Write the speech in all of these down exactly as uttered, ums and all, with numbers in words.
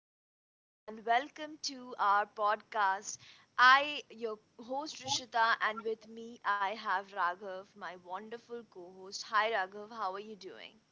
everyone, and welcome to our podcast. I, your host Rishita, and with me I have Raghav, my wonderful co host. Hi Raghav, how are you doing?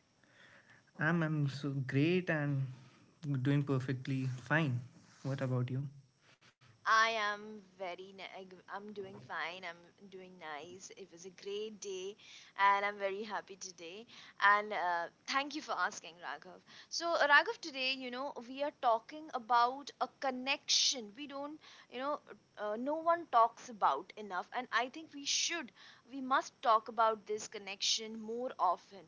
I am very, ni- I'm doing fine. I'm doing nice. It was a great day and I'm very happy today. And uh, thank you for asking, Raghav. So, uh, Raghav, today, you know, we are talking about a connection we don't, you know, uh, no one talks about enough. And I think we should, we must talk about this connection more often.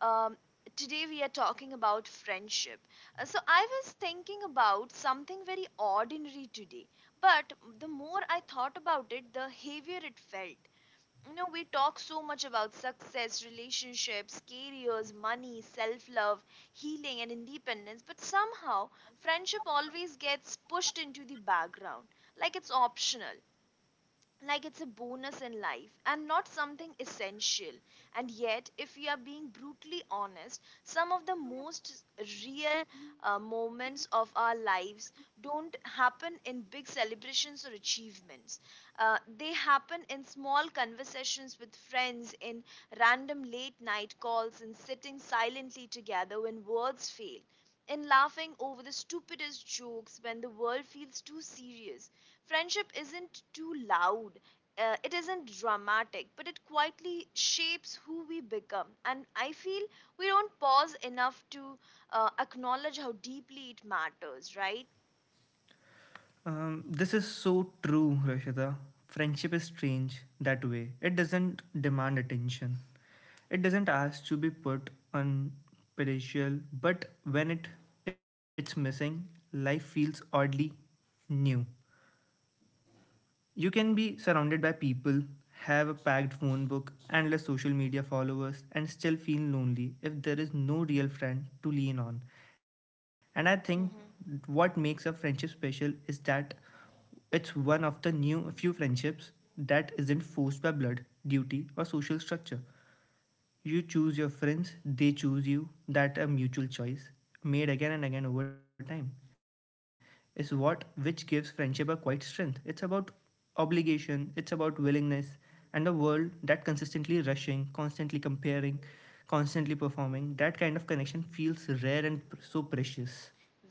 Um, Today, we are talking about friendship. Uh, So, I was thinking about something very ordinary today, but the more I thought about it, the heavier it felt. You know, we talk so much about success, relationships, careers, money, self love, healing, and independence, but somehow friendship always gets pushed into the background, like it's optional, like it's a bonus in life and not something essential. And yet, if we are being brutally honest, some of the most real uh, moments of our lives don't happen in big celebrations or achievements. Uh, they happen in small conversations with friends, in random late night calls, in sitting silently together when words fail. In laughing over the stupidest jokes when the world feels too serious, friendship isn't too loud, uh, it isn't dramatic, but it quietly shapes who we become. And I feel we don't pause enough to uh, acknowledge how deeply it matters, right?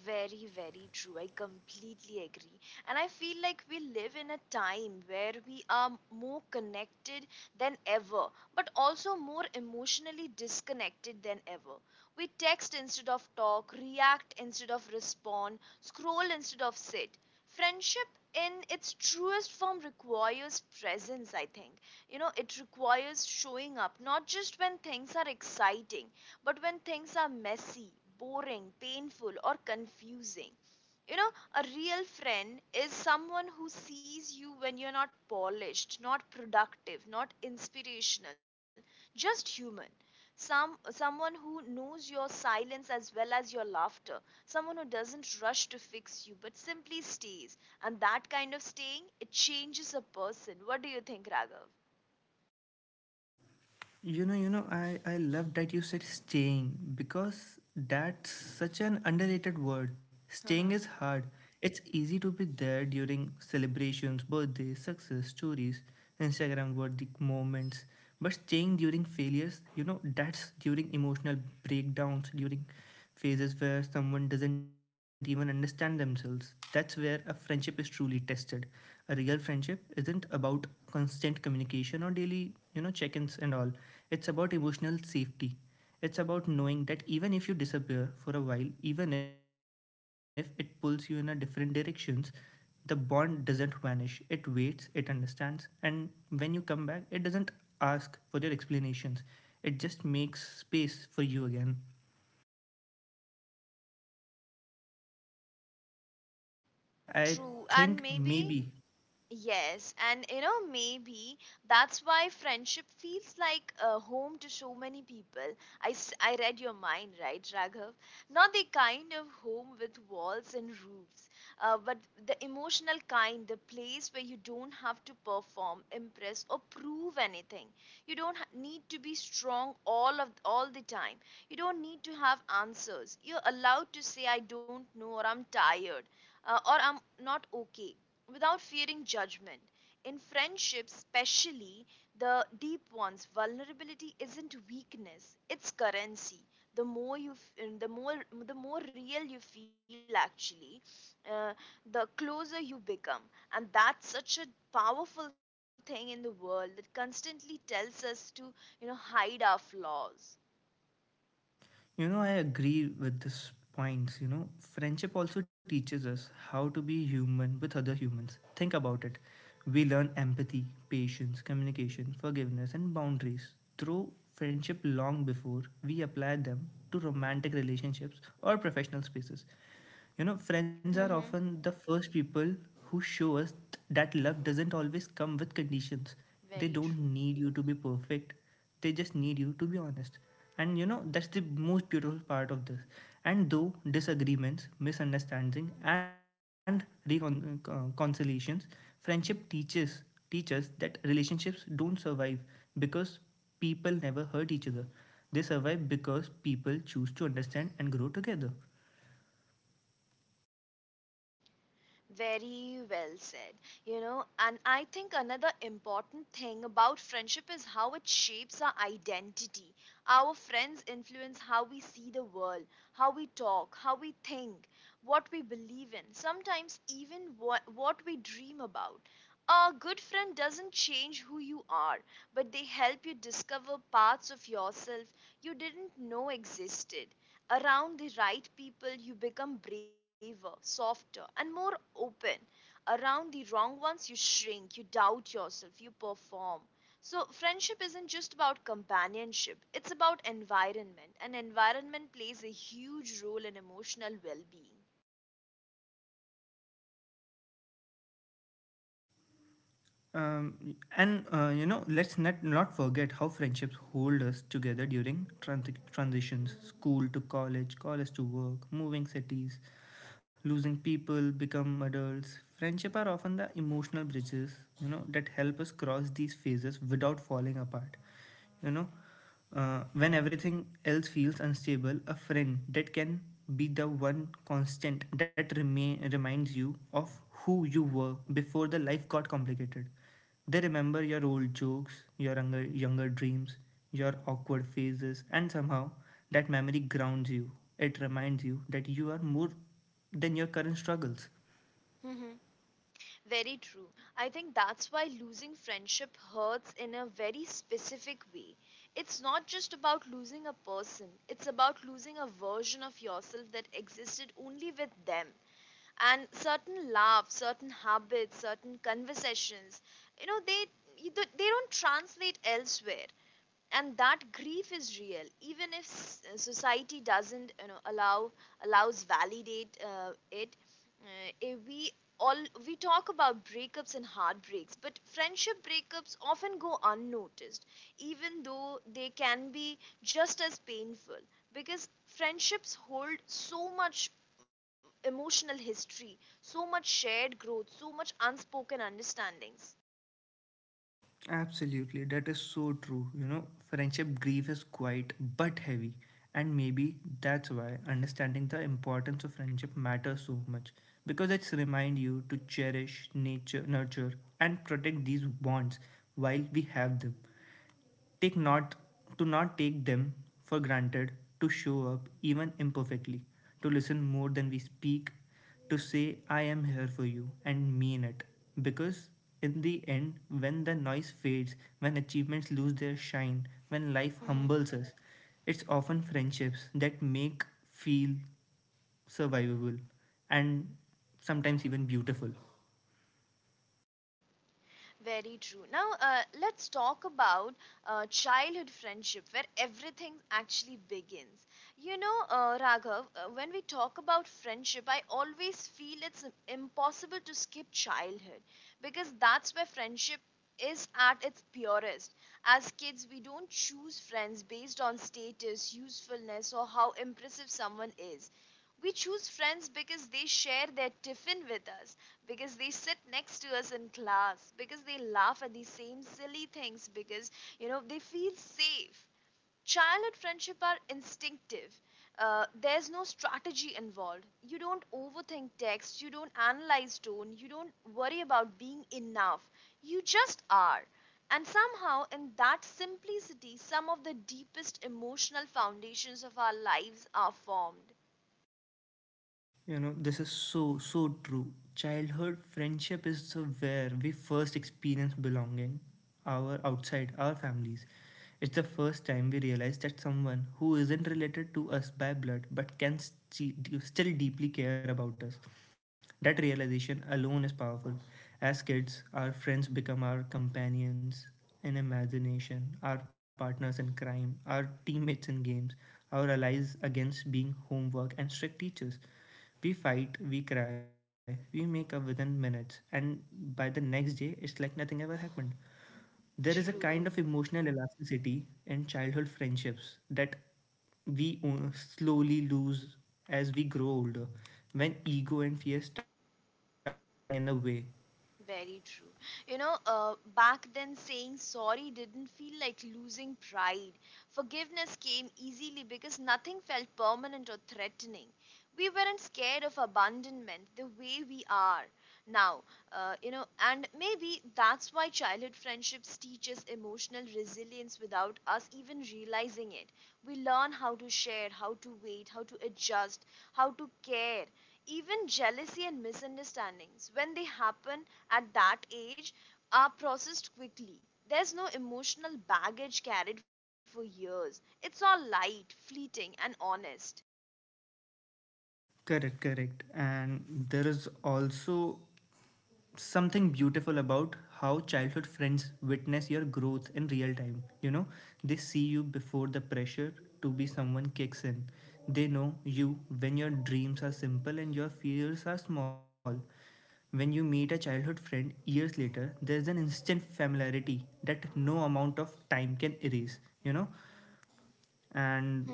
Very, very true. I completely agree. And I feel like we live in a time where we are more connected than ever, but also more emotionally disconnected than ever. We text instead of talk, react instead of respond, scroll instead of sit. Friendship in its truest form requires presence, I think. You know, it requires showing up, not just when things are exciting but when things are messy, boring, painful, or confusing. You know, a real friend is someone who sees you when you're not polished, not productive, not inspirational, just human. Some someone who knows your silence as well as your laughter, someone who doesn't rush to fix you but simply stays. And that kind of staying, it changes a person. What do you think, Raghav? Uh-huh. True, and maybe. Yes, and you know, maybe that's why friendship feels like a home to so many people. I, s- I read your mind, right, Raghav? Not the kind of home with walls and roofs, uh, but the emotional kind, the place where you don't have to perform, impress, or prove anything. You don't ha- need to be strong all of all the time. You don't need to have answers. You're allowed to say, "I don't know," or "I'm tired," uh, or "I'm not okay," without fearing judgment. In friendships, especially the deep ones, vulnerability isn't weakness; it's currency. The more you, f- uh, the more, the more real you feel. Actually, uh, the closer you become, and that's such a powerful thing in the world that constantly tells us to, you know, hide our flaws. Mm hmm. Very true. Very well said. You know, and I think another important thing about friendship is how it shapes our identity. Our friends influence how we see the world, how we talk, how we think, what we believe in, sometimes even what, what we dream about. A good friend doesn't change who you are, but they help you discover parts of yourself you didn't know existed. Around the right people, you become braver, softer, and more open. Around the wrong ones, you shrink, you doubt yourself, you perform. So, friendship isn't just about companionship, it's about environment, and environment plays a huge role in emotional well being. Very true. I think that's why losing friendship hurts in a very specific way. It's not just about losing a person, it's about losing a version of yourself that existed only with them. And certain laughs, certain habits, certain conversations, you know, they you don't- they don't translate elsewhere, and that grief is real, even if s- uh, society doesn't, you know, allow allows validate uh, it. Uh, if we all We talk about breakups and heartbreaks, but friendship breakups often go unnoticed, even though they can be just as painful, because friendships hold so much emotional history, so much shared growth, so much unspoken understandings. Very true. Now, uh, let's talk about uh, childhood friendship, where everything actually begins. You know, uh, Raghav, uh, when we talk about friendship, I always feel it's impossible to skip childhood because that's where friendship is at its purest. As kids, we don't choose friends based on status, usefulness, or how impressive someone is. We choose friends because they share their tiffin with us, because they sit next to us in class, because they laugh at the same silly things, because you know they feel safe. Childhood friendship are instinctive. Uh, there's no strategy involved. You don't overthink text. You don't analyze tone. You don't worry about being enough. You just are. And somehow, in that simplicity, some of the deepest emotional foundations of our lives are formed. True. Very true. You know, uh, back then saying sorry didn't feel like losing pride. Forgiveness came easily because nothing felt permanent or threatening. We weren't scared of abandonment the way we are now. Uh, you know, and maybe that's why childhood friendships teach us emotional resilience without us even realizing it. We learn how to share, how to wait, how to adjust, how to care. Even jealousy and misunderstandings, when they happen at that age, are processed quickly. There's no emotional baggage carried for years. It's all light, fleeting, and honest.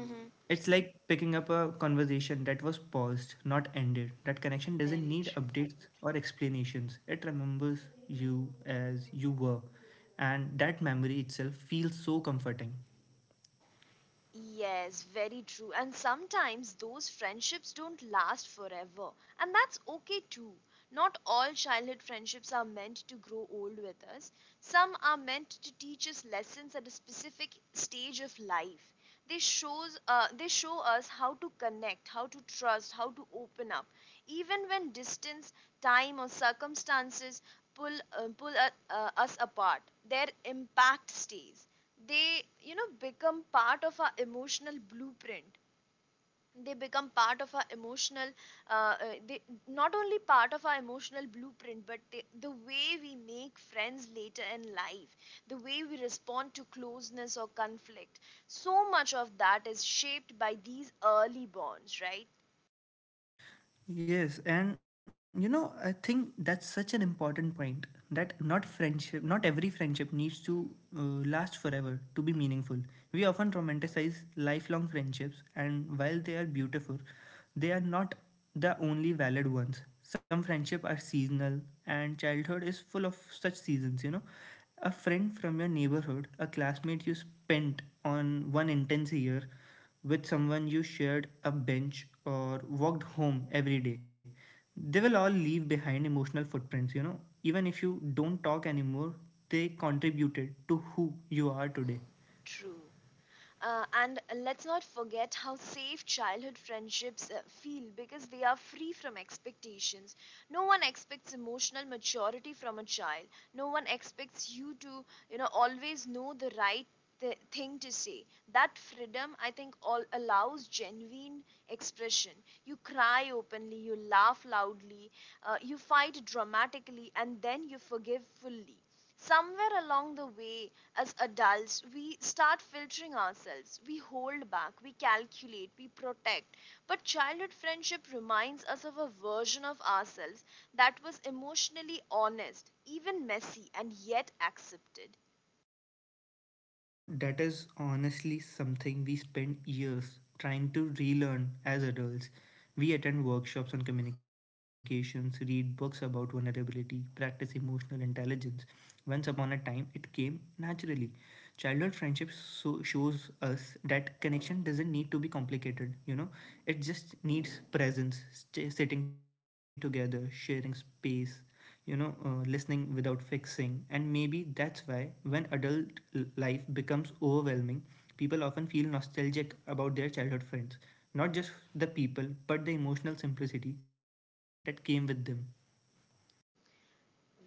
Mm-hmm. Very Yes, very true. And sometimes those friendships don't last forever. And that's okay too. Not all childhood friendships are meant to grow old with us. Some are meant to teach us lessons at a specific stage of life. They shows uh, they show us how to connect, how to trust, how to open up. Even when distance, time, or circumstances pull uh, pull uh, uh, us apart, their impact stays. They, you know, become part of our emotional blueprint. They become part of our emotional, uh, uh, they Not only part of our emotional blueprint, but they, the way we make friends later in life, the way we respond to closeness or conflict. So much of that is shaped by these early bonds, right? True. Uh, and let's not forget how safe childhood friendships uh, feel because they are free from expectations. No one expects emotional maturity from a child. No one expects you to, you know, always know the right th- thing to say. That freedom, I think, all allows genuine expression. You cry openly, you laugh loudly, uh, you fight dramatically, and then you forgive fully. Somewhere along the way, as adults, we start filtering ourselves. We hold back, we calculate, we protect. But childhood friendship reminds us of a version of ourselves that was emotionally honest, even messy, and yet accepted.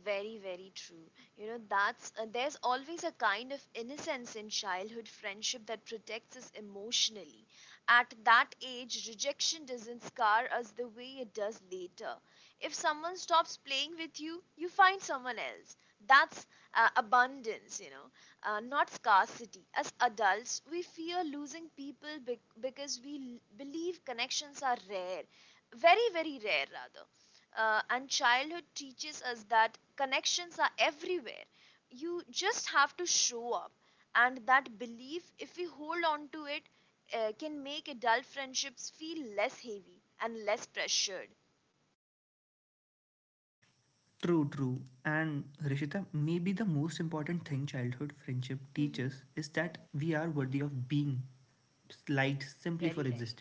Very, very true. You know, that's uh, there's always a kind of innocence in childhood friendship that protects us emotionally. At that age, rejection doesn't scar us the way it does later. If someone stops playing with you, you find someone else. That's uh, abundance, you know, uh, not scarcity. As adults, we fear losing people bec- because we l- believe connections are rare, very, very rare rather. Uh, and childhood teaches us that connections are everywhere. You just have to show up, and that belief, if we hold on to it, uh, can make adult friendships feel less heavy and less pressured. Hmm. Very right.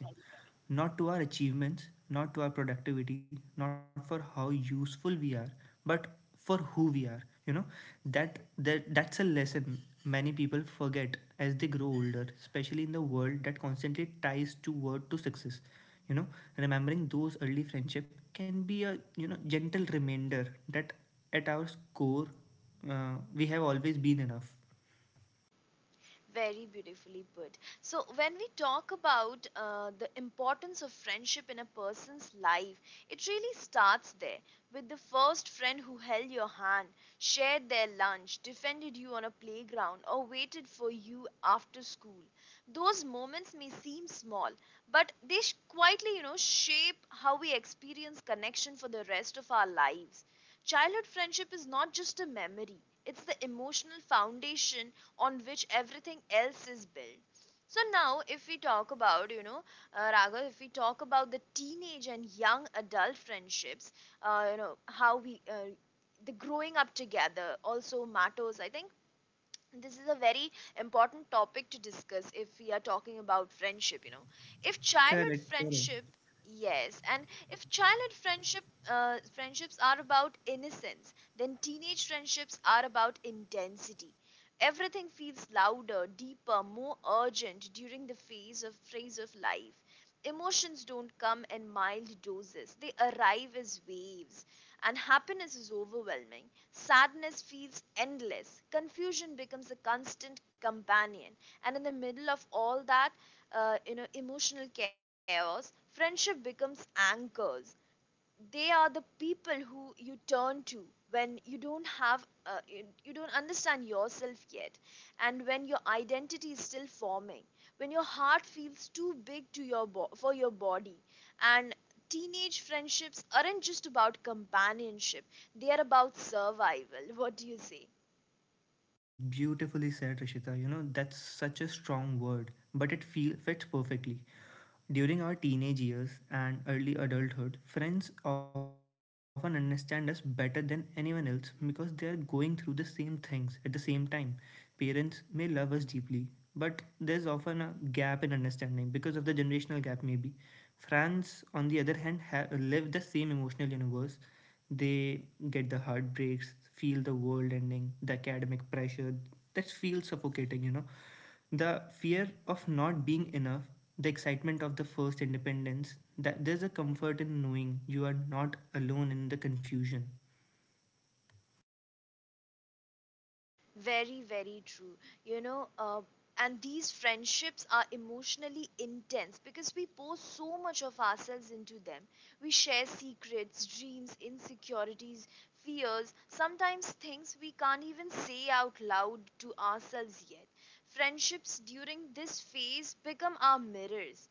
Very beautifully put. So, when we talk about uh, the importance of friendship in a person's life, it really starts there, with the first friend who held your hand, shared their lunch, defended you on a playground, or waited for you after school. Those moments may seem small, but they sh- quietly, you know, shape how we experience connection for the rest of our lives. Childhood friendship is not just a memory, it's the emotional foundation on which everything else is built. So now, if we talk about, you know, uh, Raghav, if we talk about the teenage and young adult friendships, uh, you know, how we, uh, the growing up together also matters. I think this is a very important topic to discuss if we are talking about friendship. You know, if childhood friendship yes and if childhood friendship uh, friendships are about innocence, then teenage friendships are about intensity. Everything feels louder, deeper, more urgent during the phase of phase of life. Emotions don't come in mild doses, they arrive as waves, and happiness is overwhelming. Sadness feels endless. Confusion becomes a constant companion. And in the middle of all that, uh, you know, emotional chaos, friendship becomes anchors. They are the people who you turn to when you don't have uh, you, you don't understand yourself yet, and when your identity is still forming, when your heart feels too big to your bo- for your body. And teenage friendships aren't just about companionship, they are about survival. What do you say? Very, very true. You know, uh, and these friendships are emotionally intense because we pour so much of ourselves into them. We share secrets, dreams, insecurities, fears, sometimes things we can't even say out loud to ourselves yet. Friendships during this phase become our mirrors.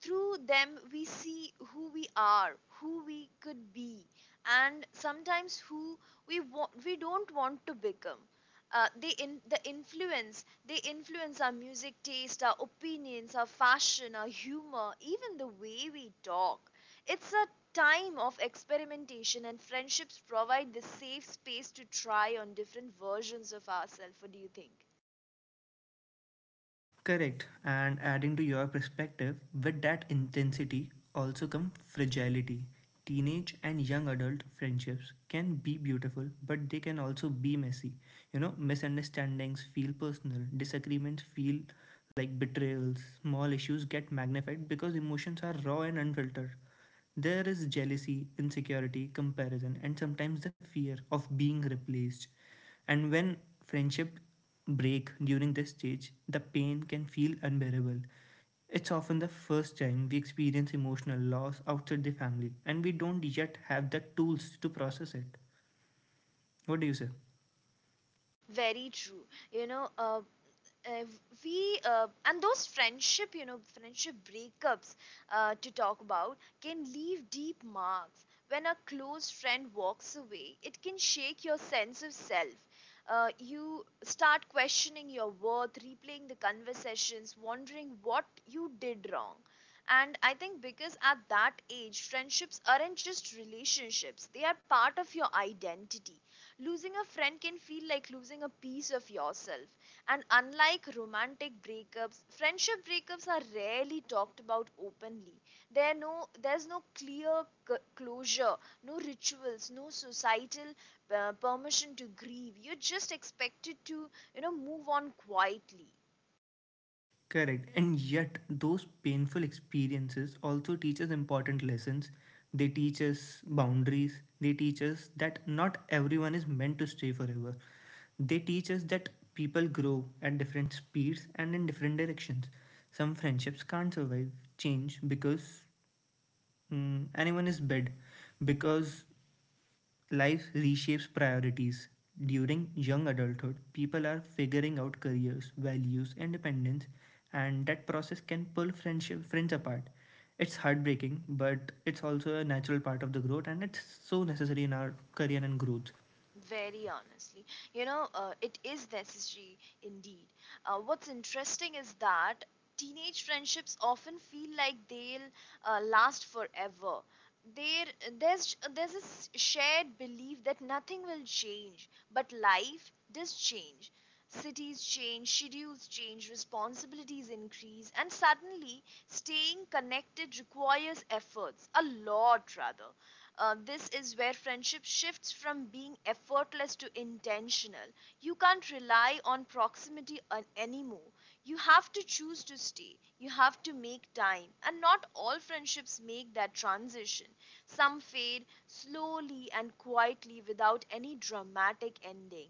Through them, we see who we are, who we could be, and sometimes who we want, we don't want to become. Uh, they in, the influence they influence our music taste, our opinions, our fashion, our humor, even the way we talk. It's a time of experimentation, and friendships provide the safe space to try on different versions of ourselves. What do you think? Very true. You know, uh, uh, we uh, And those friendship you know friendship breakups, uh, to talk about, can leave deep marks. When a close friend walks away, it can shake your sense of self. Uh, you start questioning your worth, replaying the conversations, wondering what you did wrong. And I think because at that age, friendships aren't just relationships, they are part of your identity. Losing a friend can feel like losing a piece of yourself. And unlike romantic breakups, friendship breakups are rarely talked about openly. There no there's no clear c- closure, no rituals, no societal uh, permission to grieve. You're just expected to, you know, move on quietly. Very honestly, you know, uh, it is necessary indeed. Uh, what's interesting is that teenage friendships often feel like they'll uh, last forever. There, there's there's this shared belief that nothing will change, but life does change. Cities change, schedules change, responsibilities increase, and suddenly staying connected requires efforts, a lot rather. Uh, this is where friendship shifts from being effortless to intentional. You can't rely on proximity an- anymore. You have to choose to stay. You have to make time. And not all friendships make that transition. Some fade slowly and quietly without any dramatic ending.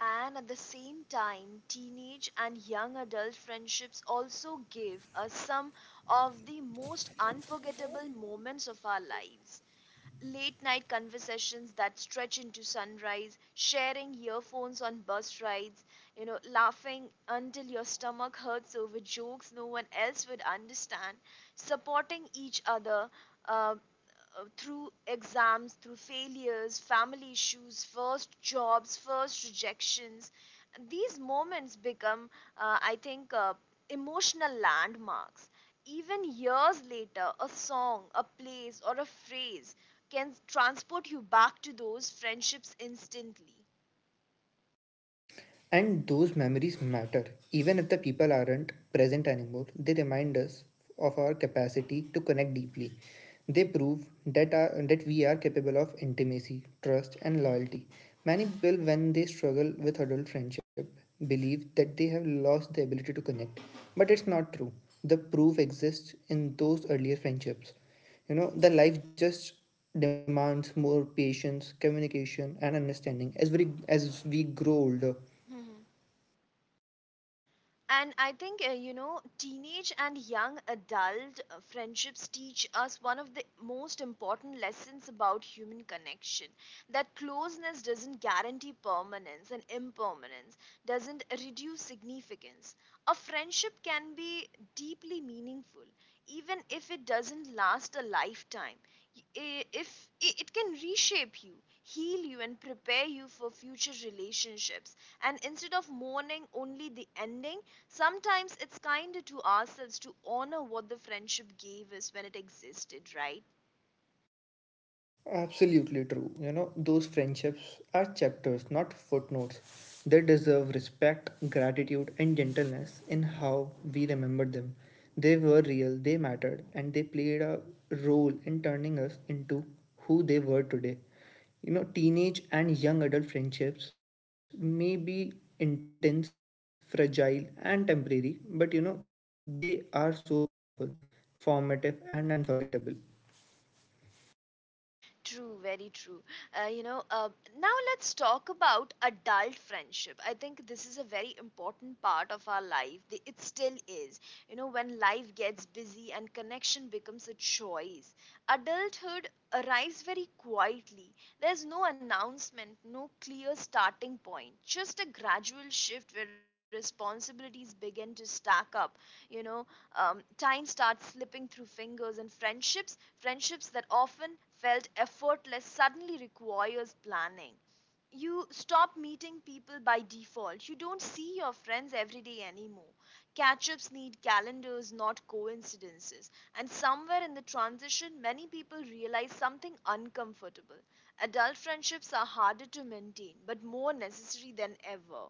And at the same time, teenage and young adult friendships also give us some of the most unforgettable moments of our lives. Late night conversations that stretch into sunrise, sharing earphones on bus rides, you know, laughing until your stomach hurts over jokes no one else would understand, supporting each other. Uh, uh, Through exams, through failures, family issues, first jobs, first rejections. These moments become, uh, I think, uh, emotional landmarks. Even years later, a song, a place, or a phrase can transport you back to those friendships instantly. And I think, uh, you know, teenage and young adult uh, friendships teach us one of the most important lessons about human connection: that closeness doesn't guarantee permanence, and impermanence doesn't reduce significance. A friendship can be deeply meaningful, even if it doesn't last a lifetime. Y- i- If i- it can reshape you, heal you, and prepare you for future relationships, and instead of mourning only the ending, sometimes it's kinder to ourselves to honor what the friendship gave us when it existed, right? True, very true. Uh, you know, uh, Now let's talk about adult friendship. I think this is a very important part of our life. The- It still is. You know, when life gets busy and connection becomes a choice, adulthood arrives very quietly. There's no announcement, no clear starting point, just a gradual shift where responsibilities begin to stack up. You know, um, time starts slipping through fingers, and friendships friendships that often felt effortless suddenly requires planning. You stop meeting people by default. You don't see your friends every day anymore. Catch-ups need calendars, not coincidences. And somewhere in the transition, many people realize something uncomfortable. Adult friendships are harder to maintain, but more necessary than ever.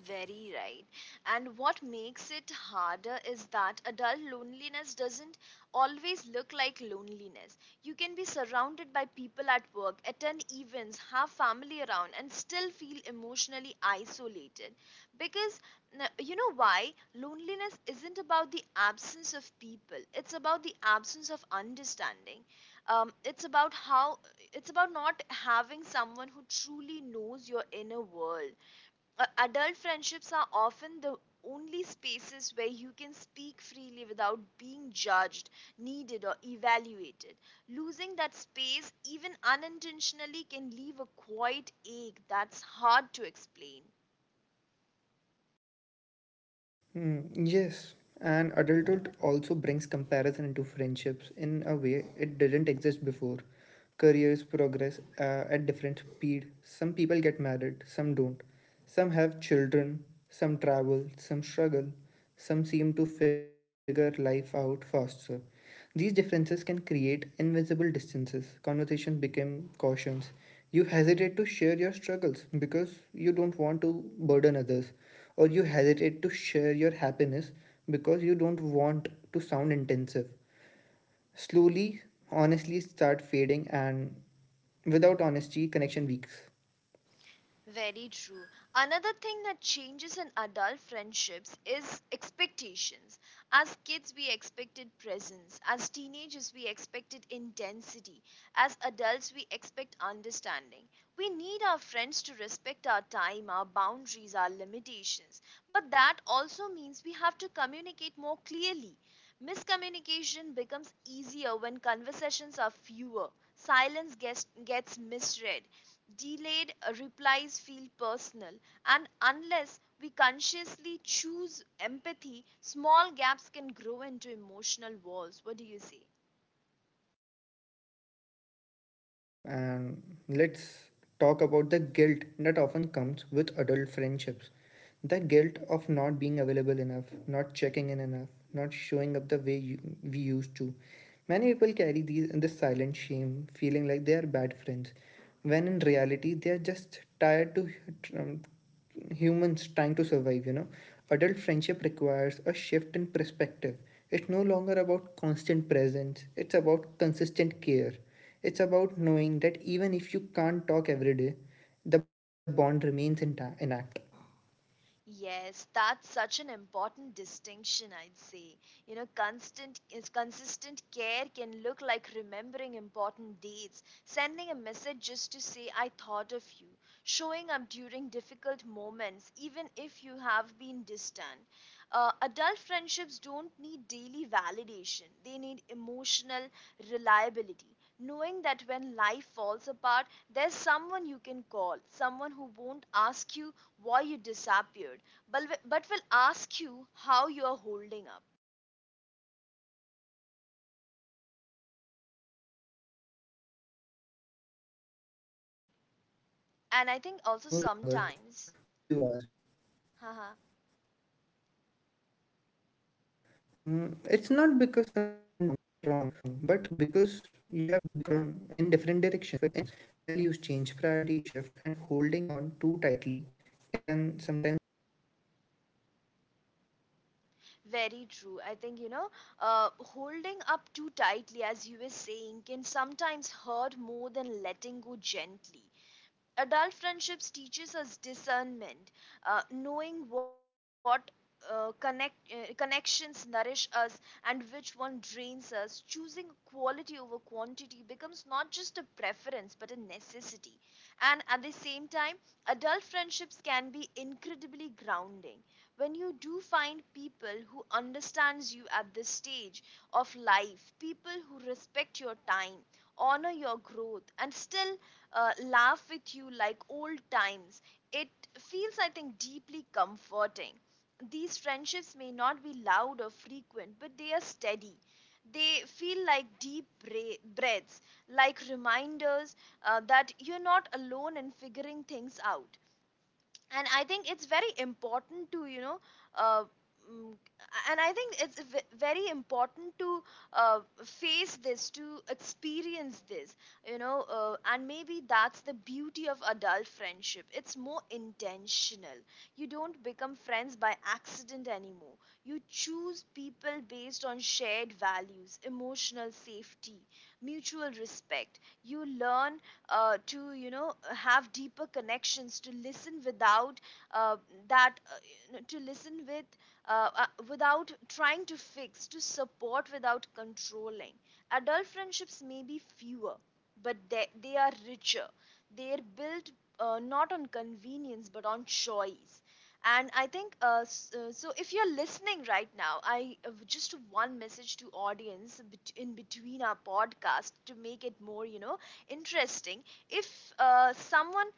Very right. And what makes it harder is that adult loneliness doesn't always look like loneliness. You can be surrounded by people at work, attend events, have family around, and still feel emotionally isolated. Because n- you know why? Loneliness isn't about the absence of people, it's about the absence of understanding. Um, it's about how it's about not having someone who truly knows your inner world. Uh, adult friendships are often the only spaces where you can speak freely without being judged, needed, or evaluated. Losing that space, even unintentionally, can leave a quiet ache that's hard to explain. Very true. Another thing that changes in adult friendships is expectations. As kids, we expected presence. As teenagers, we expected intensity. As adults, we expect understanding. We need our friends to respect our time, our boundaries, our limitations. But that also means we have to communicate more clearly. Miscommunication becomes easier when conversations are fewer. Silence gets, gets misread, delayed uh, replies feel personal, and unless we consciously choose empathy, small gaps can grow into emotional walls. What do you say? Yes, that's such an important distinction, I'd say. You know, constant is consistent care can look like remembering important dates, sending a message just to say I thought of you, showing up during difficult moments even if you have been distant. Uh, adult friendships don't need daily validation, they need emotional reliability. Knowing that when life falls apart, there's someone you can call, someone who won't ask you why you disappeared, but, wi- but will ask you how you are holding up. And I think also sometimes. Haha, very true. I think, you know, uh, holding up too tightly, as you were saying, can sometimes hurt more than letting go gently. Adult friendships teaches us discernment, uh, knowing what uh, connect uh, connections nourish us and which one drains us. Choosing quality over quantity becomes not just a preference but a necessity. And at the same time, adult friendships can be incredibly grounding when you do find people who understands you at this stage of life, people who respect your time, honor your growth, and still uh, laugh with you like old times. It feels, I think, deeply comforting. These friendships may not be loud or frequent, but they are steady. They feel like deep bra- breaths, like reminders uh, that you're not alone in figuring things out. And I think it's very important to you know, uh, mm, and I think it's v- very important to uh, face this, to experience this, you know. Uh, and maybe that's the beauty of adult friendship: it's more intentional. You don't become friends by accident anymore. You choose people based on shared values, emotional safety, mutual respect. You learn uh, to, you know, have deeper connections, to listen without uh, that uh, you know, to listen with uh, uh, without trying to fix, to support without controlling. Adult friendships may be fewer, but they, they are richer. They are built uh, not on convenience but on choice. And I think uh, s- uh, so if you're listening right now, I uh, just one message to audience bet- in between our podcast to make it more, you know, interesting. If uh, someone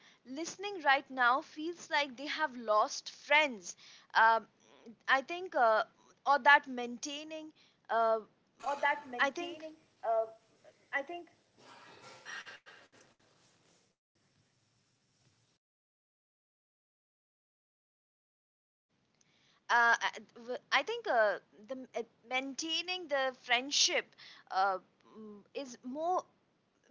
listening right now feels like they have lost friends, um I think, uh, or that maintaining, uh, I think. Uh, I I think uh, the uh, maintaining the friendship uh, mm, is more,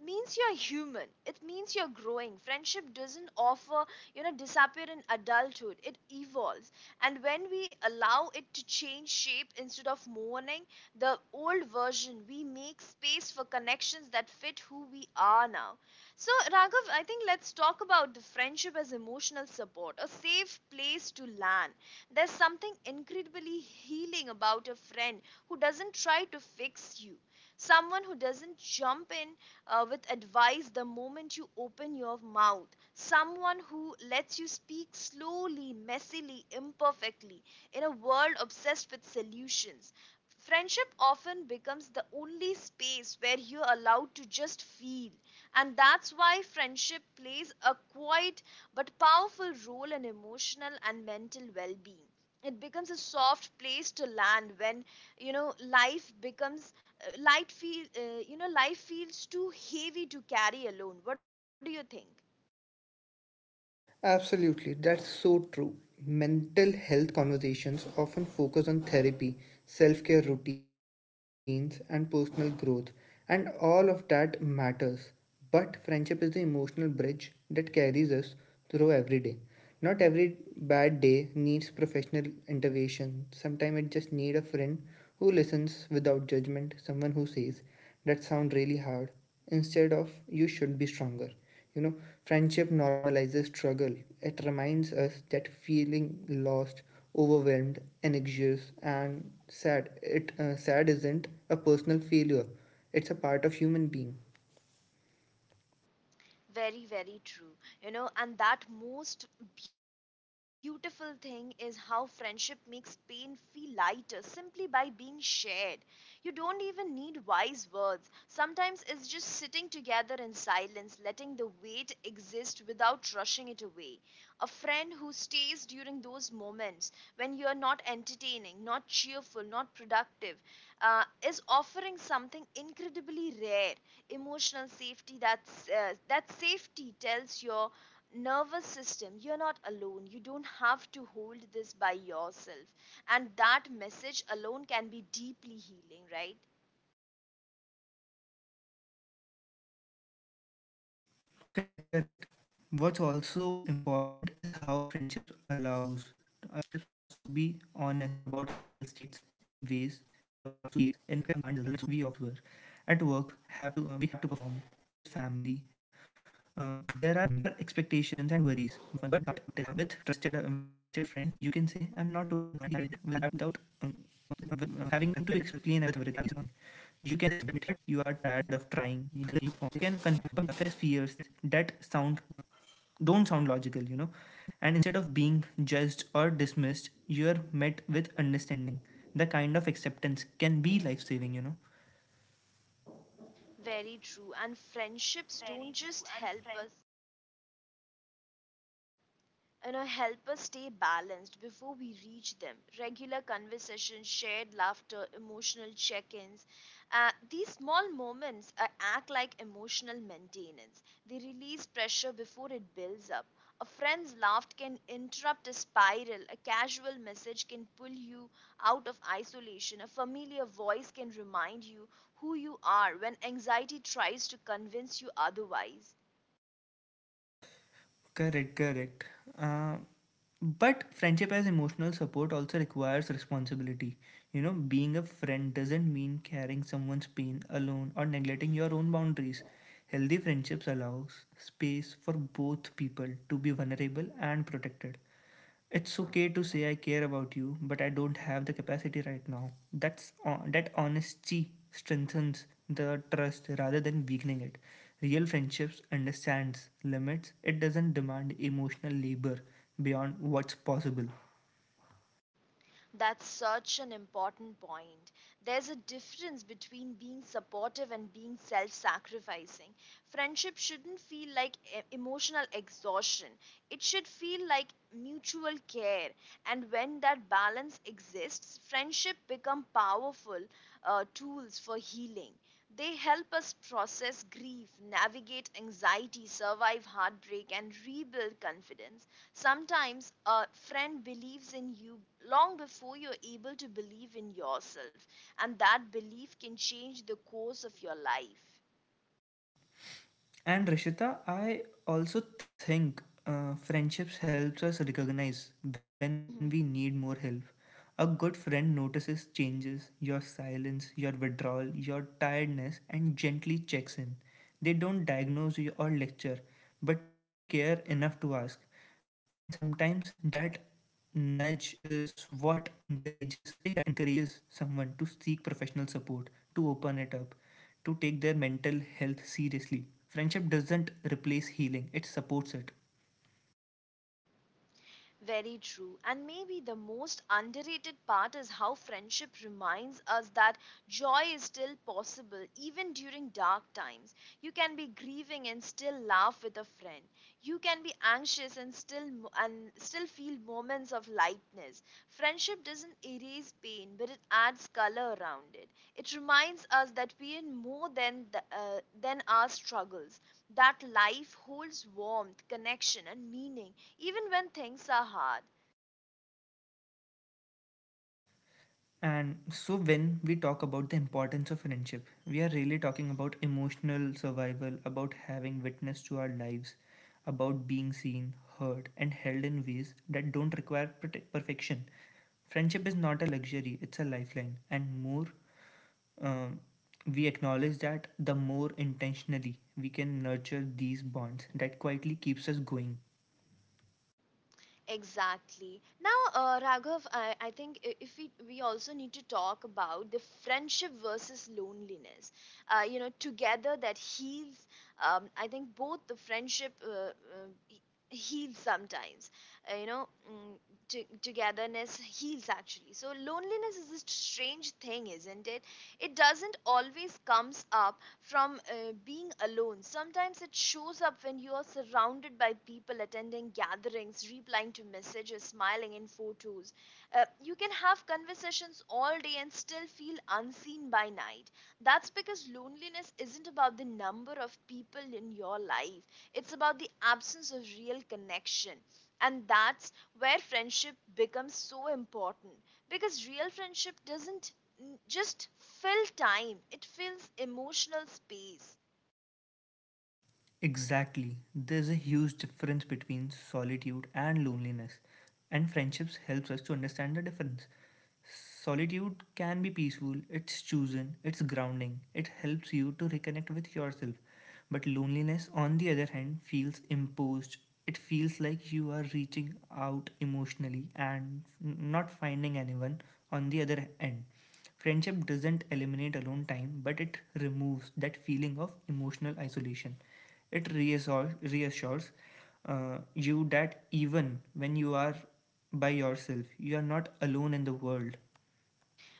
means you're human, it means you're growing. Friendship doesn't offer you know disappear in adulthood, it evolves. And when we allow it to change shape instead of mourning the old version, we make space for connections that fit who we are now. So Raghav, I think let's talk about the friendship as emotional support, a safe place to land. There's something incredibly healing about a friend who doesn't try to fix you, someone who doesn't jump in uh, with advice the moment you open your mouth. Someone who lets you speak slowly, messily, imperfectly in a world obsessed with solutions. Friendship often becomes the only space where you're allowed to just feel. And that's why friendship plays a quiet but powerful role in emotional and mental well being. It becomes a soft place to land when, you know, life becomes uh, light feel uh, you know, life feels too heavy to carry alone. What do you think? Absolutely, that's so true. Mental health conversations often focus on therapy, self care routines, and personal growth, and all of that matters. But friendship is the emotional bridge that carries us through every day. Not every bad day needs professional intervention. Sometimes it just needs a friend who listens without judgment, someone who says, "That sounds really hard," instead of "you should be stronger." You know, friendship normalizes struggle. It reminds us that feeling lost, overwhelmed, anxious and sad, it uh, sad isn't a personal failure. It's a part of human being. Very, very true. You know, and that most beautiful thing is how friendship makes pain feel lighter simply by being shared. You don't even need wise words. Sometimes it's just sitting together in silence, letting the weight exist without rushing it away. A friend who stays during those moments when you are not entertaining, not cheerful, not productive, uh, is offering something incredibly rare, emotional safety. That's uh, that safety tells your nervous system you're not alone, you don't have to hold this by yourself, and that message alone can be deeply healing, right? Correct, correct. What's also important is how friendships allows us to be honest about our mental states in ways we often can't elsewhere. At work, have to uh, we have to perform with family. Uh, there are expectations and worries, but with trusted with a trusted friend, you can say I'm not okay without um, uh, having to explain everything. You can admit you are tired of trying. You can confess fears that sound don't sound logical, you know. And instead of being judged or dismissed, you are met with understanding. The kind of acceptance can be life saving, you know. Very true. And friendships don't just help us, you know help us stay balanced before we reach them. Regular conversations, shared laughter, emotional check-ins, uh, these small moments uh, act like emotional maintenance. They release pressure before it builds up. A friend's laugh can interrupt a spiral, a casual message can pull you out of isolation, a familiar voice can remind you who you are when anxiety tries to convince you otherwise. Correct, correct. Uh, but friendship as emotional support also requires responsibility. You know, being a friend doesn't mean carrying someone's pain alone or neglecting your own boundaries. Healthy friendships allows space for both people to be vulnerable and protected. It's okay to say I care about you, but I don't have the capacity right now. That's on that honesty strengthens the trust rather than weakening it. Real friendships understands limits. It doesn't demand emotional labor beyond what's possible. That's such an important point. There's a difference between being supportive and being self sacrificing. Friendship shouldn't feel like e- emotional exhaustion, it should feel like mutual care. And when that balance exists, friendship become powerful uh, tools for healing. They help us process grief, navigate anxiety, survive heartbreak, and rebuild confidence. Sometimes a friend believes in you long before you're able to believe in yourself, and that belief can change the course of your life. And Rishita, I also think uh, friendships helps us recognize when we Mhm. need more help. A good friend notices changes, your silence, your withdrawal, your tiredness, and gently checks in. They don't diagnose you or lecture, but they care enough to ask. And sometimes that nudge is what encourages someone to seek professional support, to open it up, to take their mental health seriously. Friendship doesn't replace healing, it supports it. Very true. And maybe the most underrated part is how friendship reminds us that joy is still possible even during dark times. You can be grieving and still laugh with a friend. You can be anxious and still and still feel moments of lightness. Friendship doesn't erase pain, but it adds color around it. It reminds us that we are more than the, uh, than our struggles. That life holds warmth, connection, and meaning, even when things are hard. And so, when we talk about the importance of friendship, we are really talking about emotional survival, about having witness to our lives, about being seen, heard, and held in ways that don't require prote- perfection. Friendship is not a luxury, it's a lifeline. And more um, we acknowledge that, the more intentionally we can nurture these bonds that quietly keeps us going. Exactly. Now, uh, Raghav, I, I think i- if we we also need to talk about the friendship versus loneliness. Uh, you know, together that heals. Um, I think both the friendship uh, uh, he- heals sometimes. Uh, you know, mm, to- togetherness heals actually. So loneliness is a strange thing, isn't it? It doesn't always comes up from uh, being alone. Sometimes it shows up when you are surrounded by people, attending gatherings, replying to messages, smiling in photos. Uh, you can have conversations all day and still feel unseen by night. That's because loneliness isn't about the number of people in your life, it's about the absence of real connection. And that's where friendship becomes so important, because real friendship doesn't n- just fill time, it fills emotional space. Exactly. There's a huge difference between solitude and loneliness, and friendships helps us to understand the difference. Solitude can be peaceful, it's chosen, it's grounding, it helps you to reconnect with yourself. But loneliness, on the other hand, feels imposed. It feels like you are reaching out emotionally and not finding anyone on the other end. Friendship doesn't eliminate alone time, but it removes that feeling of emotional isolation. It reassures, reassures uh, you that even when you are by yourself, you are not alone in the world.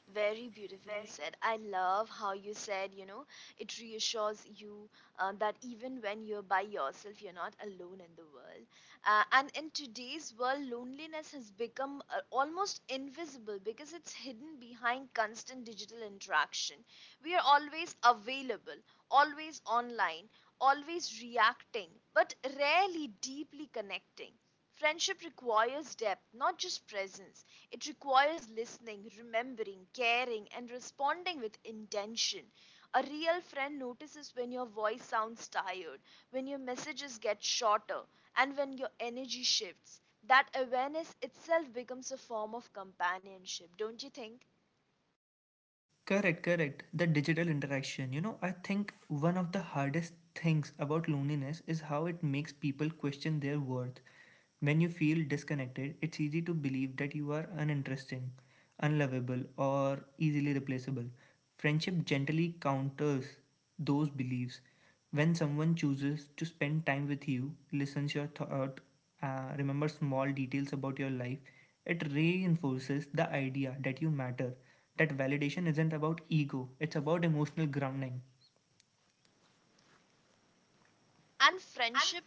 Very beautifully said. I love how you said, you know, it reassures you uh, that even when you're by yourself you're not alone in the world. Uh, and in today's world loneliness has become uh, almost invisible because it's hidden behind constant digital interaction. We are always available, always online, always reacting, but rarely deeply connecting. Friendship requires depth, not just presence. It requires listening, remembering, caring, and responding with intention. A real friend notices when your voice sounds tired, when your messages get shorter, and when your energy shifts. That awareness itself becomes a form of companionship, don't you think? Correct, correct. The digital interaction. You know, I think one of the hardest things about loneliness is how it makes people question their worth. When you feel disconnected, it's easy to believe that you are uninteresting, unlovable, or easily replaceable. Friendship gently counters those beliefs. When someone chooses to spend time with you, listens your thought, uh, remembers small details about your life, it reinforces the idea that you matter. That validation isn't about ego, it's about emotional grounding. And friendship,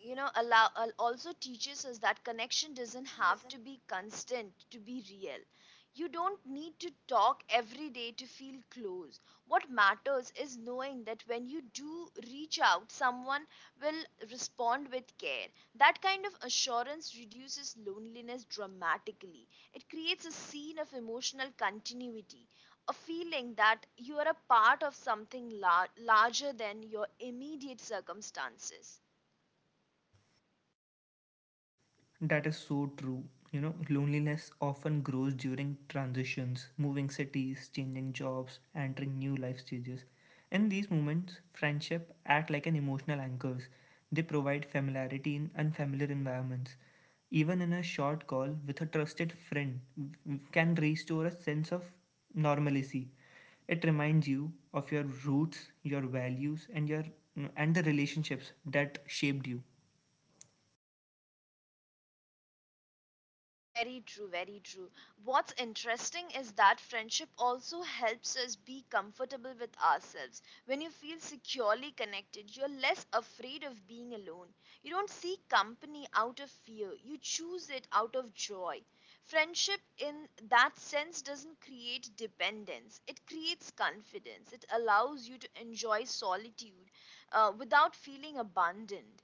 you know, allow al- also teaches us that connection doesn't have to be constant to be real. You don't need to talk every day to feel close. What matters is knowing that when you do reach out, someone will respond with care. That kind of assurance reduces loneliness dramatically. It creates a scene of emotional continuity, a feeling that you are a part of something lar- larger than your immediate circumstances. That is so true. You know, loneliness often grows during transitions, moving cities, changing jobs, entering new life stages. In these moments, friendship act like an emotional anchors. They provide familiarity in unfamiliar environments. Even in a short call with a trusted friend w- can restore a sense of normalcy. It reminds you of your roots, your values, and your and the relationships that shaped you. Very true, very true. What's interesting is that friendship also helps us be comfortable with ourselves. When you feel securely connected, you're less afraid of being alone. You don't seek company out of fear, you choose it out of joy. Friendship, in that sense, doesn't create dependence, it creates confidence. It allows you to enjoy solitude uh, without feeling abandoned.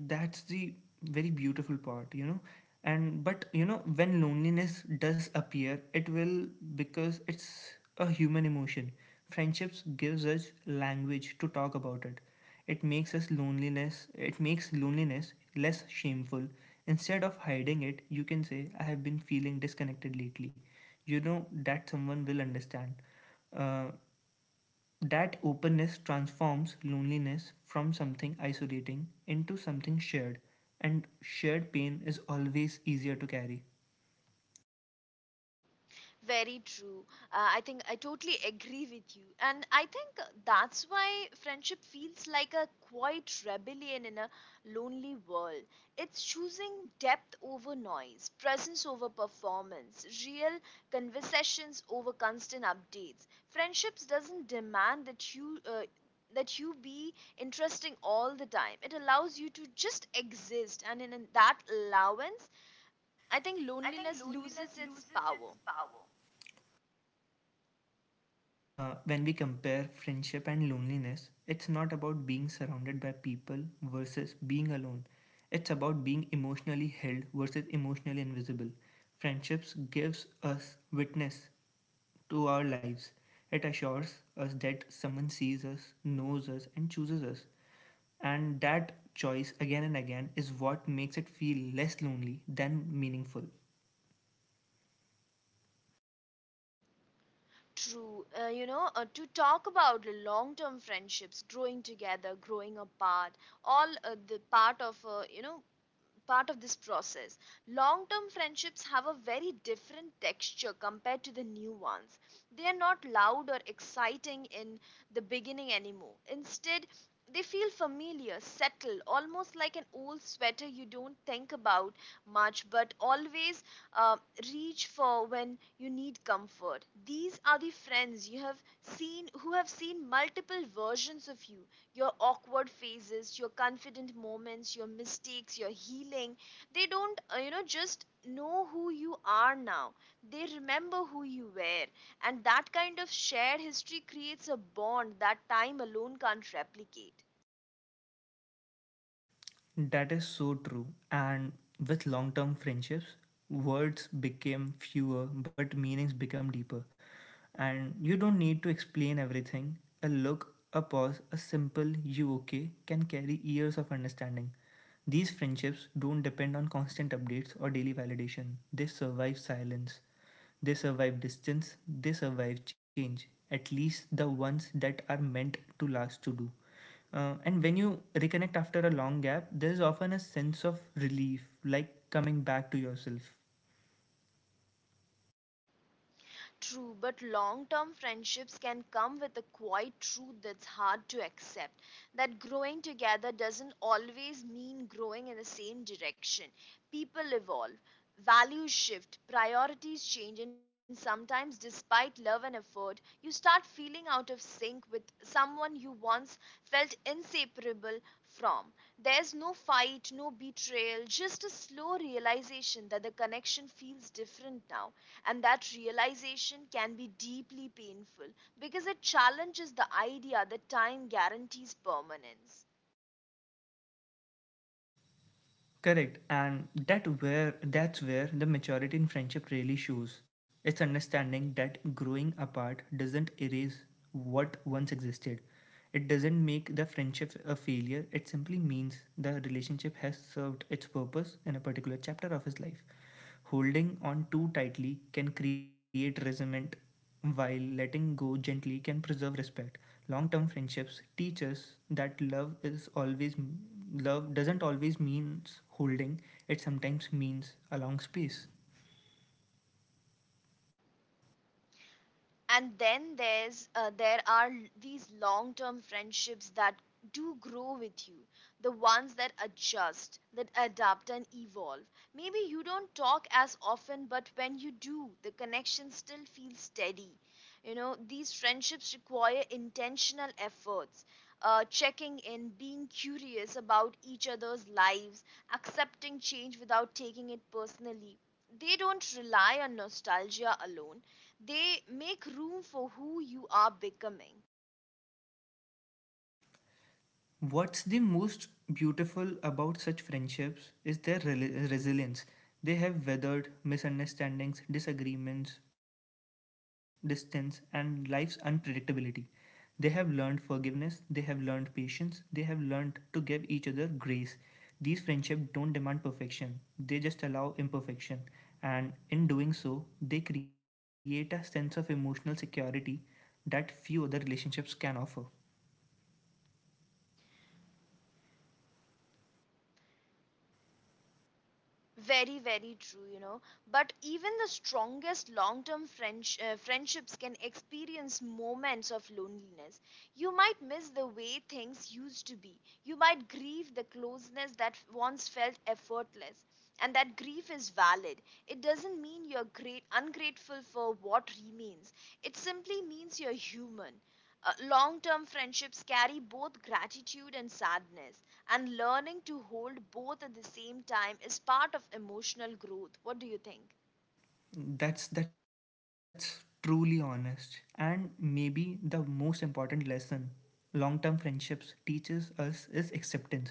That's the very beautiful part, you know. And but you know, when loneliness does appear, it will, because it's a human emotion. Friendships gives us language to talk about it. It makes us loneliness it makes loneliness less shameful. Instead of hiding it, you can say I have been feeling disconnected lately, you know that someone will understand. uh, that openness transforms loneliness from something isolating into something shared, and shared pain is always easier to carry. Very true. Uh, I think I totally agree with you. And I think that's why friendship feels like a quiet rebellion in a lonely world. It's choosing depth over noise, presence over performance, real conversations over constant updates. Friendships doesn't demand that you uh, that you be interesting all the time. It allows you to just exist, and in that allowance, I think loneliness loses its power. Basically, uh, when we compare friendship and loneliness, it's not about being surrounded by people versus being alone. It's about being emotionally held versus emotionally invisible. Friendships gives us witness to our lives. It assures us that someone sees us, knows us, and chooses us. And that choice again and again is what makes it feel less lonely than meaningful. True. Uh, you know, uh, to talk about long term friendships, growing together, growing apart, all uh, the part of, uh, you know, part of this process. Long term friendships have a very different texture compared to the new ones. They are not loud or exciting in the beginning anymore. Instead, they feel familiar, settled, almost like an old sweater you don't think about much but always uh, reach for when you need comfort. These are the friends you have seen who have seen multiple versions of you, your awkward phases, your confident moments, your mistakes, your healing. They don't, uh, you know, just know who you are now. They remember who you were. And that kind of shared history creates a bond that time alone can't replicate. That is so true. And with long term friendships, words became fewer but meanings become deeper. And you don't need to explain everything. A look, a pause, a simple "you okay" can carry years of understanding. These friendships don't depend on constant updates or daily validation, they survive silence. They survive distance, they survive change, at least the ones that are meant to last to do. Uh, and when you reconnect after a long gap, there is often a sense of relief, like coming back to yourself. True, but long term friendships can come with a quiet truth that's hard to accept, that growing together doesn't always mean growing in the same direction. People evolve, values shift, priorities change, and sometimes, despite love and effort, you start feeling out of sync with someone you once felt inseparable from. There's no fight, no betrayal, just a slow realization that the connection feels different now. And that realization can be deeply painful because it challenges the idea that time guarantees permanence. Correct, and that where that's where the maturity in friendship really shows. It's understanding that growing apart doesn't erase what once existed. It doesn't make the friendship a failure. It simply means the relationship has served its purpose in a particular chapter of his life. Holding on too tightly can create resentment, while letting go gently can preserve respect. Long-term friendships teach us that love is always love doesn't always mean holding. It sometimes means allowing space. And then there's uh, there are these long-term friendships that do grow with you, the ones that adjust that adapt and evolve. Maybe you don't talk as often, but when you do the connection still feels steady. You know, these friendships require intentional efforts, uh, checking in, being curious about each other's lives, accepting change without taking it personally. They don't rely on nostalgia alone. They make room for who you are becoming. What's the most beautiful about such friendships is their rel- resilience. They have weathered misunderstandings, disagreements, distance, and life's unpredictability. They have learned forgiveness, they have learned patience, they have learned to give each other grace. These friendships don't demand perfection, they just allow imperfection. And in doing so, they create a sense of emotional security that few other relationships can offer. Very, very true, you know. But even the strongest long term friends uh, friendships can experience moments of loneliness. You might miss the way things used to be. You might grieve the closeness that once felt effortless. And that grief is valid. It doesn't mean you're great, ungrateful for what remains, it simply means you're human. Uh, long term friendships carry both gratitude and sadness, and learning to hold both at the same time is part of emotional growth. What do you think? That's that's truly honest, and maybe the most important lesson long-term friendships teaches us is acceptance.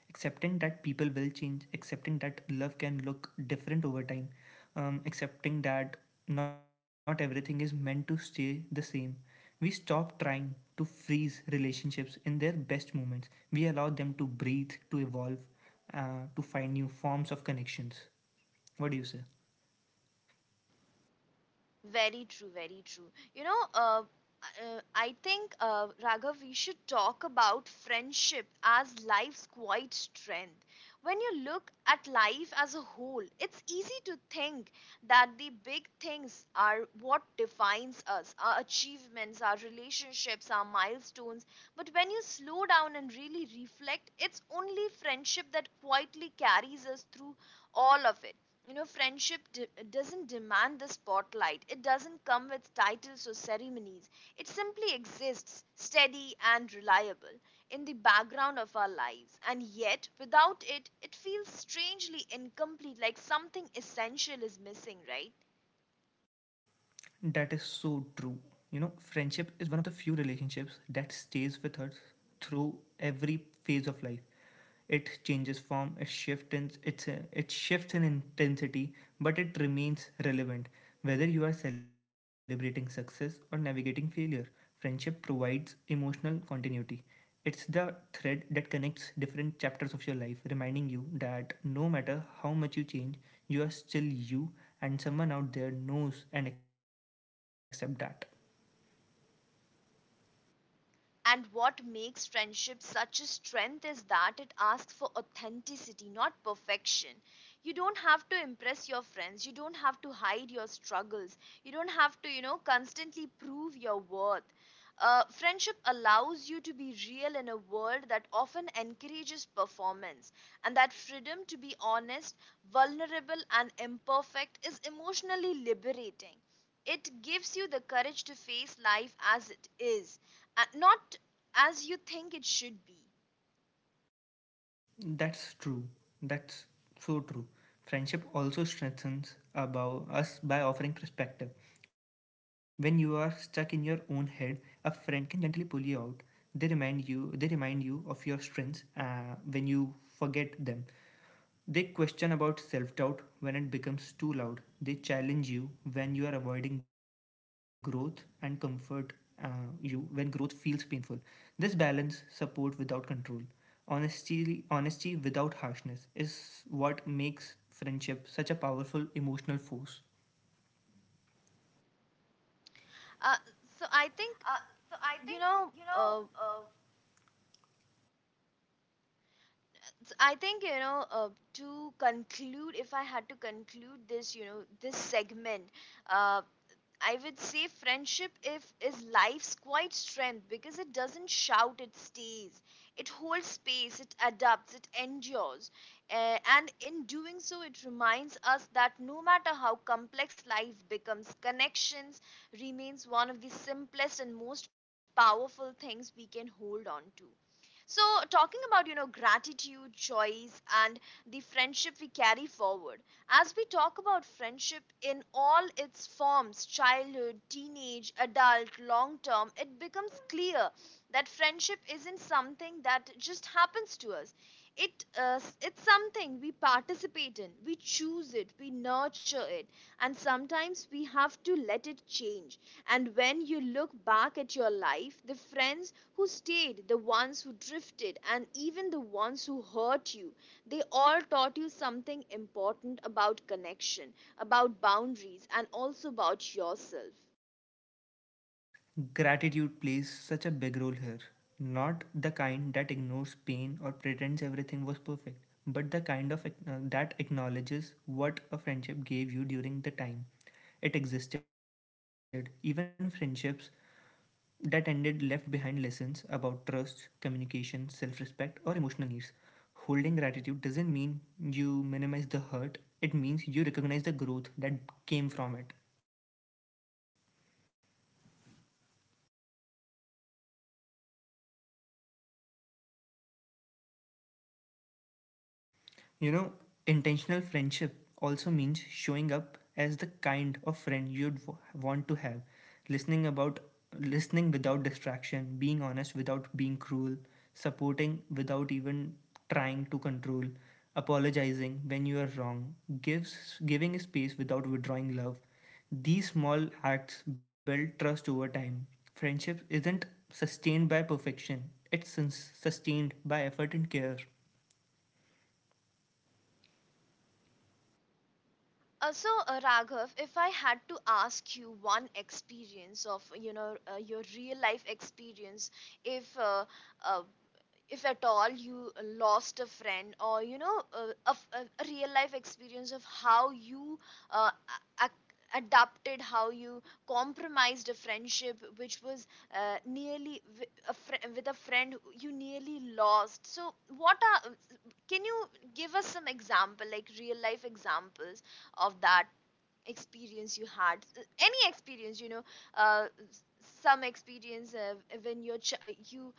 Accepting that people will change, accepting that love can look different over time, um, accepting that not everything is meant to stay the same. We stop trying to freeze relationships in their best moments. We allow them to breathe, to evolve, uh, to find new forms of connections. What do you say? Very true, very true. You know, uh, uh, I think, uh, Raghav, we should talk about friendship as life's quiet strength. When you look at life as a whole, it's easy to think that the big things are what defines us, our achievements, our relationships, our milestones. But when you slow down and really reflect, it's only friendship that quietly carries us through all of it. You know, friendship de- doesn't demand the spotlight, it doesn't come with titles or ceremonies. It simply exists, steady and reliable, in the background of our lives, and yet without it it feels strangely incomplete, like something essential is missing, right? That is so true. You know, friendship is one of the few relationships that stays with us through every phase of life. It changes form, it shifts in it's uh, it shifts in intensity, but it remains relevant. Whether you are celebrating success or navigating failure, friendship provides emotional continuity. It's the thread that connects different chapters of your life, reminding you that no matter how much you change, you are still you, and someone out there knows and accepts that. And what makes friendship such a strength is that it asks for authenticity, not perfection. You don't have to impress your friends. You don't have to hide your struggles. You don't have to, you know, constantly prove your worth. Uh, friendship allows you to be real in a world that often encourages performance, and that freedom to be honest, vulnerable, and imperfect is emotionally liberating. It gives you the courage to face life as it is, and not as you think it should be. That's true. That's so true. Friendship also strengthens about us by offering perspective. When you are stuck in your own head, a friend can gently pull you out. They remind you. They remind you of your strengths uh, when you forget them. They question about self doubt when it becomes too loud. They challenge you when you are avoiding growth and comfort uh, you when growth feels painful. This balance support without control. Honesty, honesty without harshness is what makes friendship such a powerful emotional force. Uh, so I think you know. Uh, so I think you know. Uh, to conclude, if I had to conclude this, you know, this segment, uh, I would say friendship if is life's quiet strength because it doesn't shout, it stays. It holds space, it adapts, it endures. Uh, and in doing so, it reminds us that no matter how complex life becomes, connections remains one of the simplest and most powerful things we can hold on to. So, talking about, you know, gratitude, choice, and the friendship we carry forward. As we talk about friendship in all its forms, childhood, teenage, adult, long term, it becomes clear that friendship isn't something that just happens to us. It, uh, s- it's something we participate in, we choose it, we nurture it, and sometimes we have to let it change. And when you look back at your life, the friends who stayed, the ones who drifted, and even the ones who hurt you, they all taught you something important about connection, about boundaries, and also about yourself. Gratitude plays such a big role here. Not the kind that ignores pain or pretends everything was perfect, but the kind of ac- uh, that acknowledges what a friendship gave you during the time it existed. Even friendships that ended left behind lessons about trust, communication, self respect, or emotional needs. Holding gratitude doesn't mean you minimize the hurt, it means you recognize the growth that came from it. You know, intentional friendship also means showing up as the kind of friend you'd w- want to have, listening about listening without distraction, being honest without being cruel, supporting without even trying to control, apologizing when you are wrong, gives giving space without withdrawing love. These small acts build trust over time. Friendship isn't sustained by perfection, it's sus- sustained by effort and care. Uh, so, uh, Raghav, if I had to ask you one experience of, you know, uh, your real life experience, if uh, uh, if at all you lost a friend, or you know uh, a, f- a- a real life experience of how you uh, a- adapted, how you compromised a friendship which was uh, nearly wi- a fr- with a friend who you nearly lost. So what are, can you give us some example, like real life examples of that experience you had? Uh, any experience, you know, uh, some experience uh, when your ch- uh, you,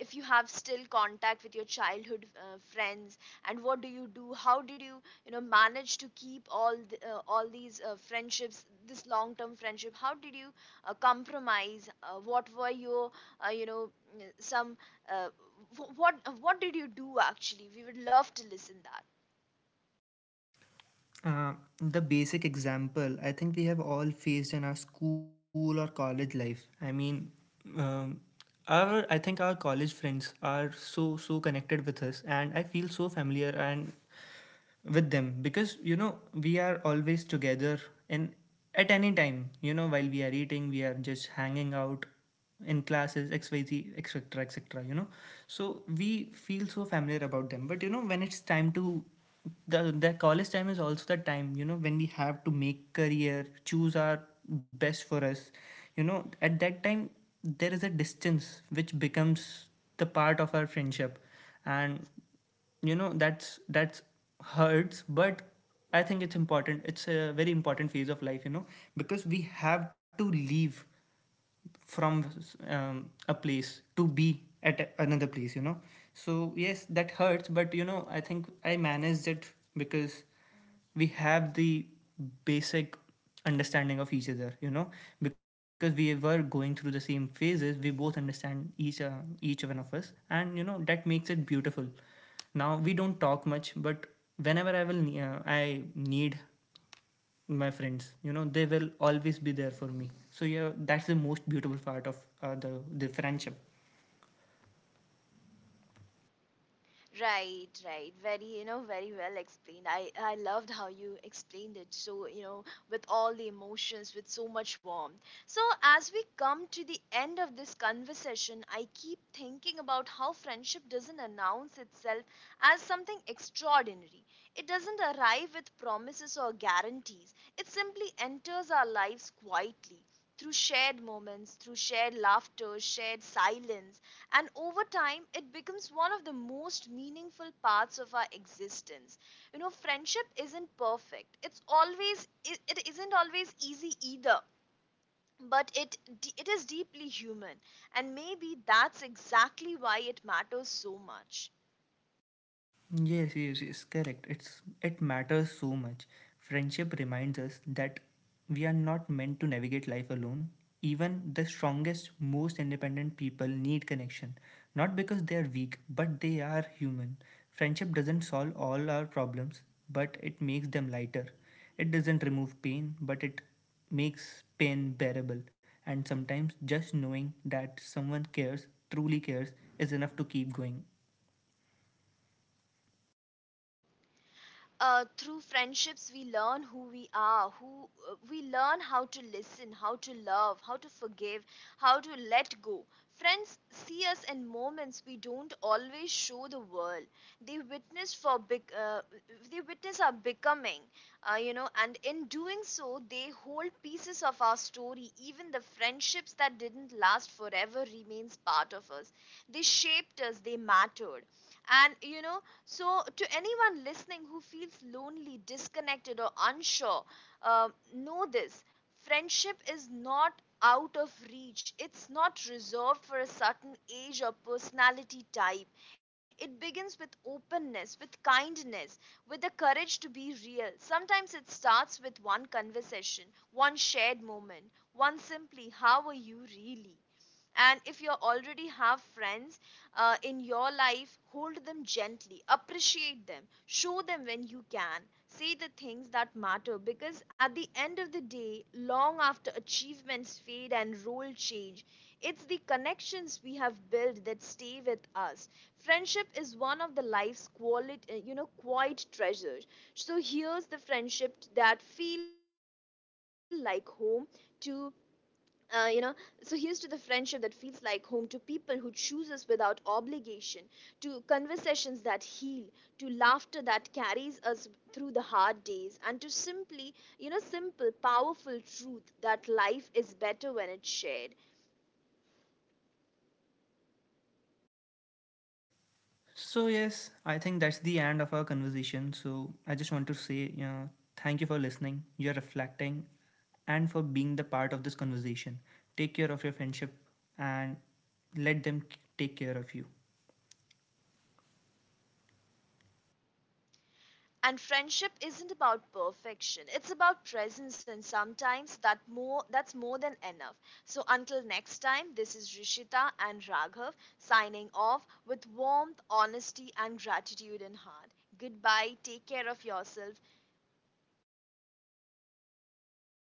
if you have still contact with your childhood uh, friends, and what do you do, how did you, you know, manage to keep all the, uh, all these uh, friendships, this long term friendship, how did you uh, compromise, uh, what were your uh, you know some uh, wh- what what did you do actually, we would love to listen that. Uh, the basic example I think we have all faced in our school or college life. I mean, um, our I think our college friends are so so connected with us, and I feel so familiar and with them, because you know we are always together, and at any time, you know, while we are eating, we are just hanging out in classes, xyz etc etc, you know. So we feel so familiar about them, but you know, when it's time to the, the college time is also the time, you know, when we have to make career, choose our best for us, you know. At that time, there is a distance which becomes the part of our friendship. And you know, that's that's hurts, but I think it's important, it's a very important phase of life, you know, because we have to leave from um, a place to be at another place, you know. So yes, that hurts, but you know, I think I managed it because we have the basic understanding of each other, you know, because we were going through the same phases, we both understand each uh, each one of us, and you know, that makes it beautiful. Now we don't talk much, but whenever I will, uh, I need my friends, you know they will always be there for me. So yeah, that's the most beautiful part of uh, the the friendship. Right, right. Very, you know, very well explained. I, I loved how you explained it. So, you know, with all the emotions, with so much warmth. So, as we come to the end of this conversation, I keep thinking about how friendship doesn't announce itself as something extraordinary. It doesn't arrive with promises or guarantees, it simply enters our lives quietly. Through shared moments, through shared laughter, shared silence, and over time, it becomes one of the most meaningful parts of our existence. You know, friendship isn't perfect. It's always it, it isn't always easy either, but it it is deeply human, and maybe that's exactly why it matters so much. Yes, yes, yes, correct. It's it matters so much. Friendship reminds us that we are not meant to navigate life alone. Even the strongest, most independent people need connection. Not because they are weak, but they are human. Friendship doesn't solve all our problems, but it makes them lighter. It doesn't remove pain, but it makes pain bearable. And sometimes just knowing that someone cares, truly cares, is enough to keep going. Uh, through friendships, we learn who we are, who uh, we learn how to listen, how to love, how to forgive, how to let go. Friends see us in moments we don't always show the world. They witness for big, uh, they witness our becoming, uh, you know, and in doing so, they hold pieces of our story. Even the friendships that didn't last forever remains part of us. They shaped us. They mattered. And, you know, so, to anyone listening who feels lonely, disconnected, or unsure, uh, know this, friendship is not out of reach. It's not reserved for a certain age or personality type. It begins with openness, with kindness, with the courage to be real. Sometimes it starts with one conversation, one shared moment, one simply, how are you really? And if you already have friends uh, in your life, hold them gently, appreciate them, show them when you can, say the things that matter, because at the end of the day, long after achievements fade and role change, it's the connections we have built that stay with us. Friendship is one of the life's quality uh, you know quiet treasures. So here's the friendship that feel like home to uh, you know So here's to the friendship that feels like home, to people who choose us without obligation, to conversations that heal, to laughter that carries us through the hard days, and to simply, you know, simple powerful truth that life is better when it's shared. So yes, I think that's the end of our conversation. So I just want to say uh, thank you for listening, you're reflecting, and for being the part of this conversation. Take care of your friendship, and let them take care of you. And friendship isn't about perfection, it's about presence, and sometimes that more that's more than enough. So, until next time, this is Rishita and Raghav, signing off with warmth, honesty, and gratitude in heart. Goodbye, take care of yourself.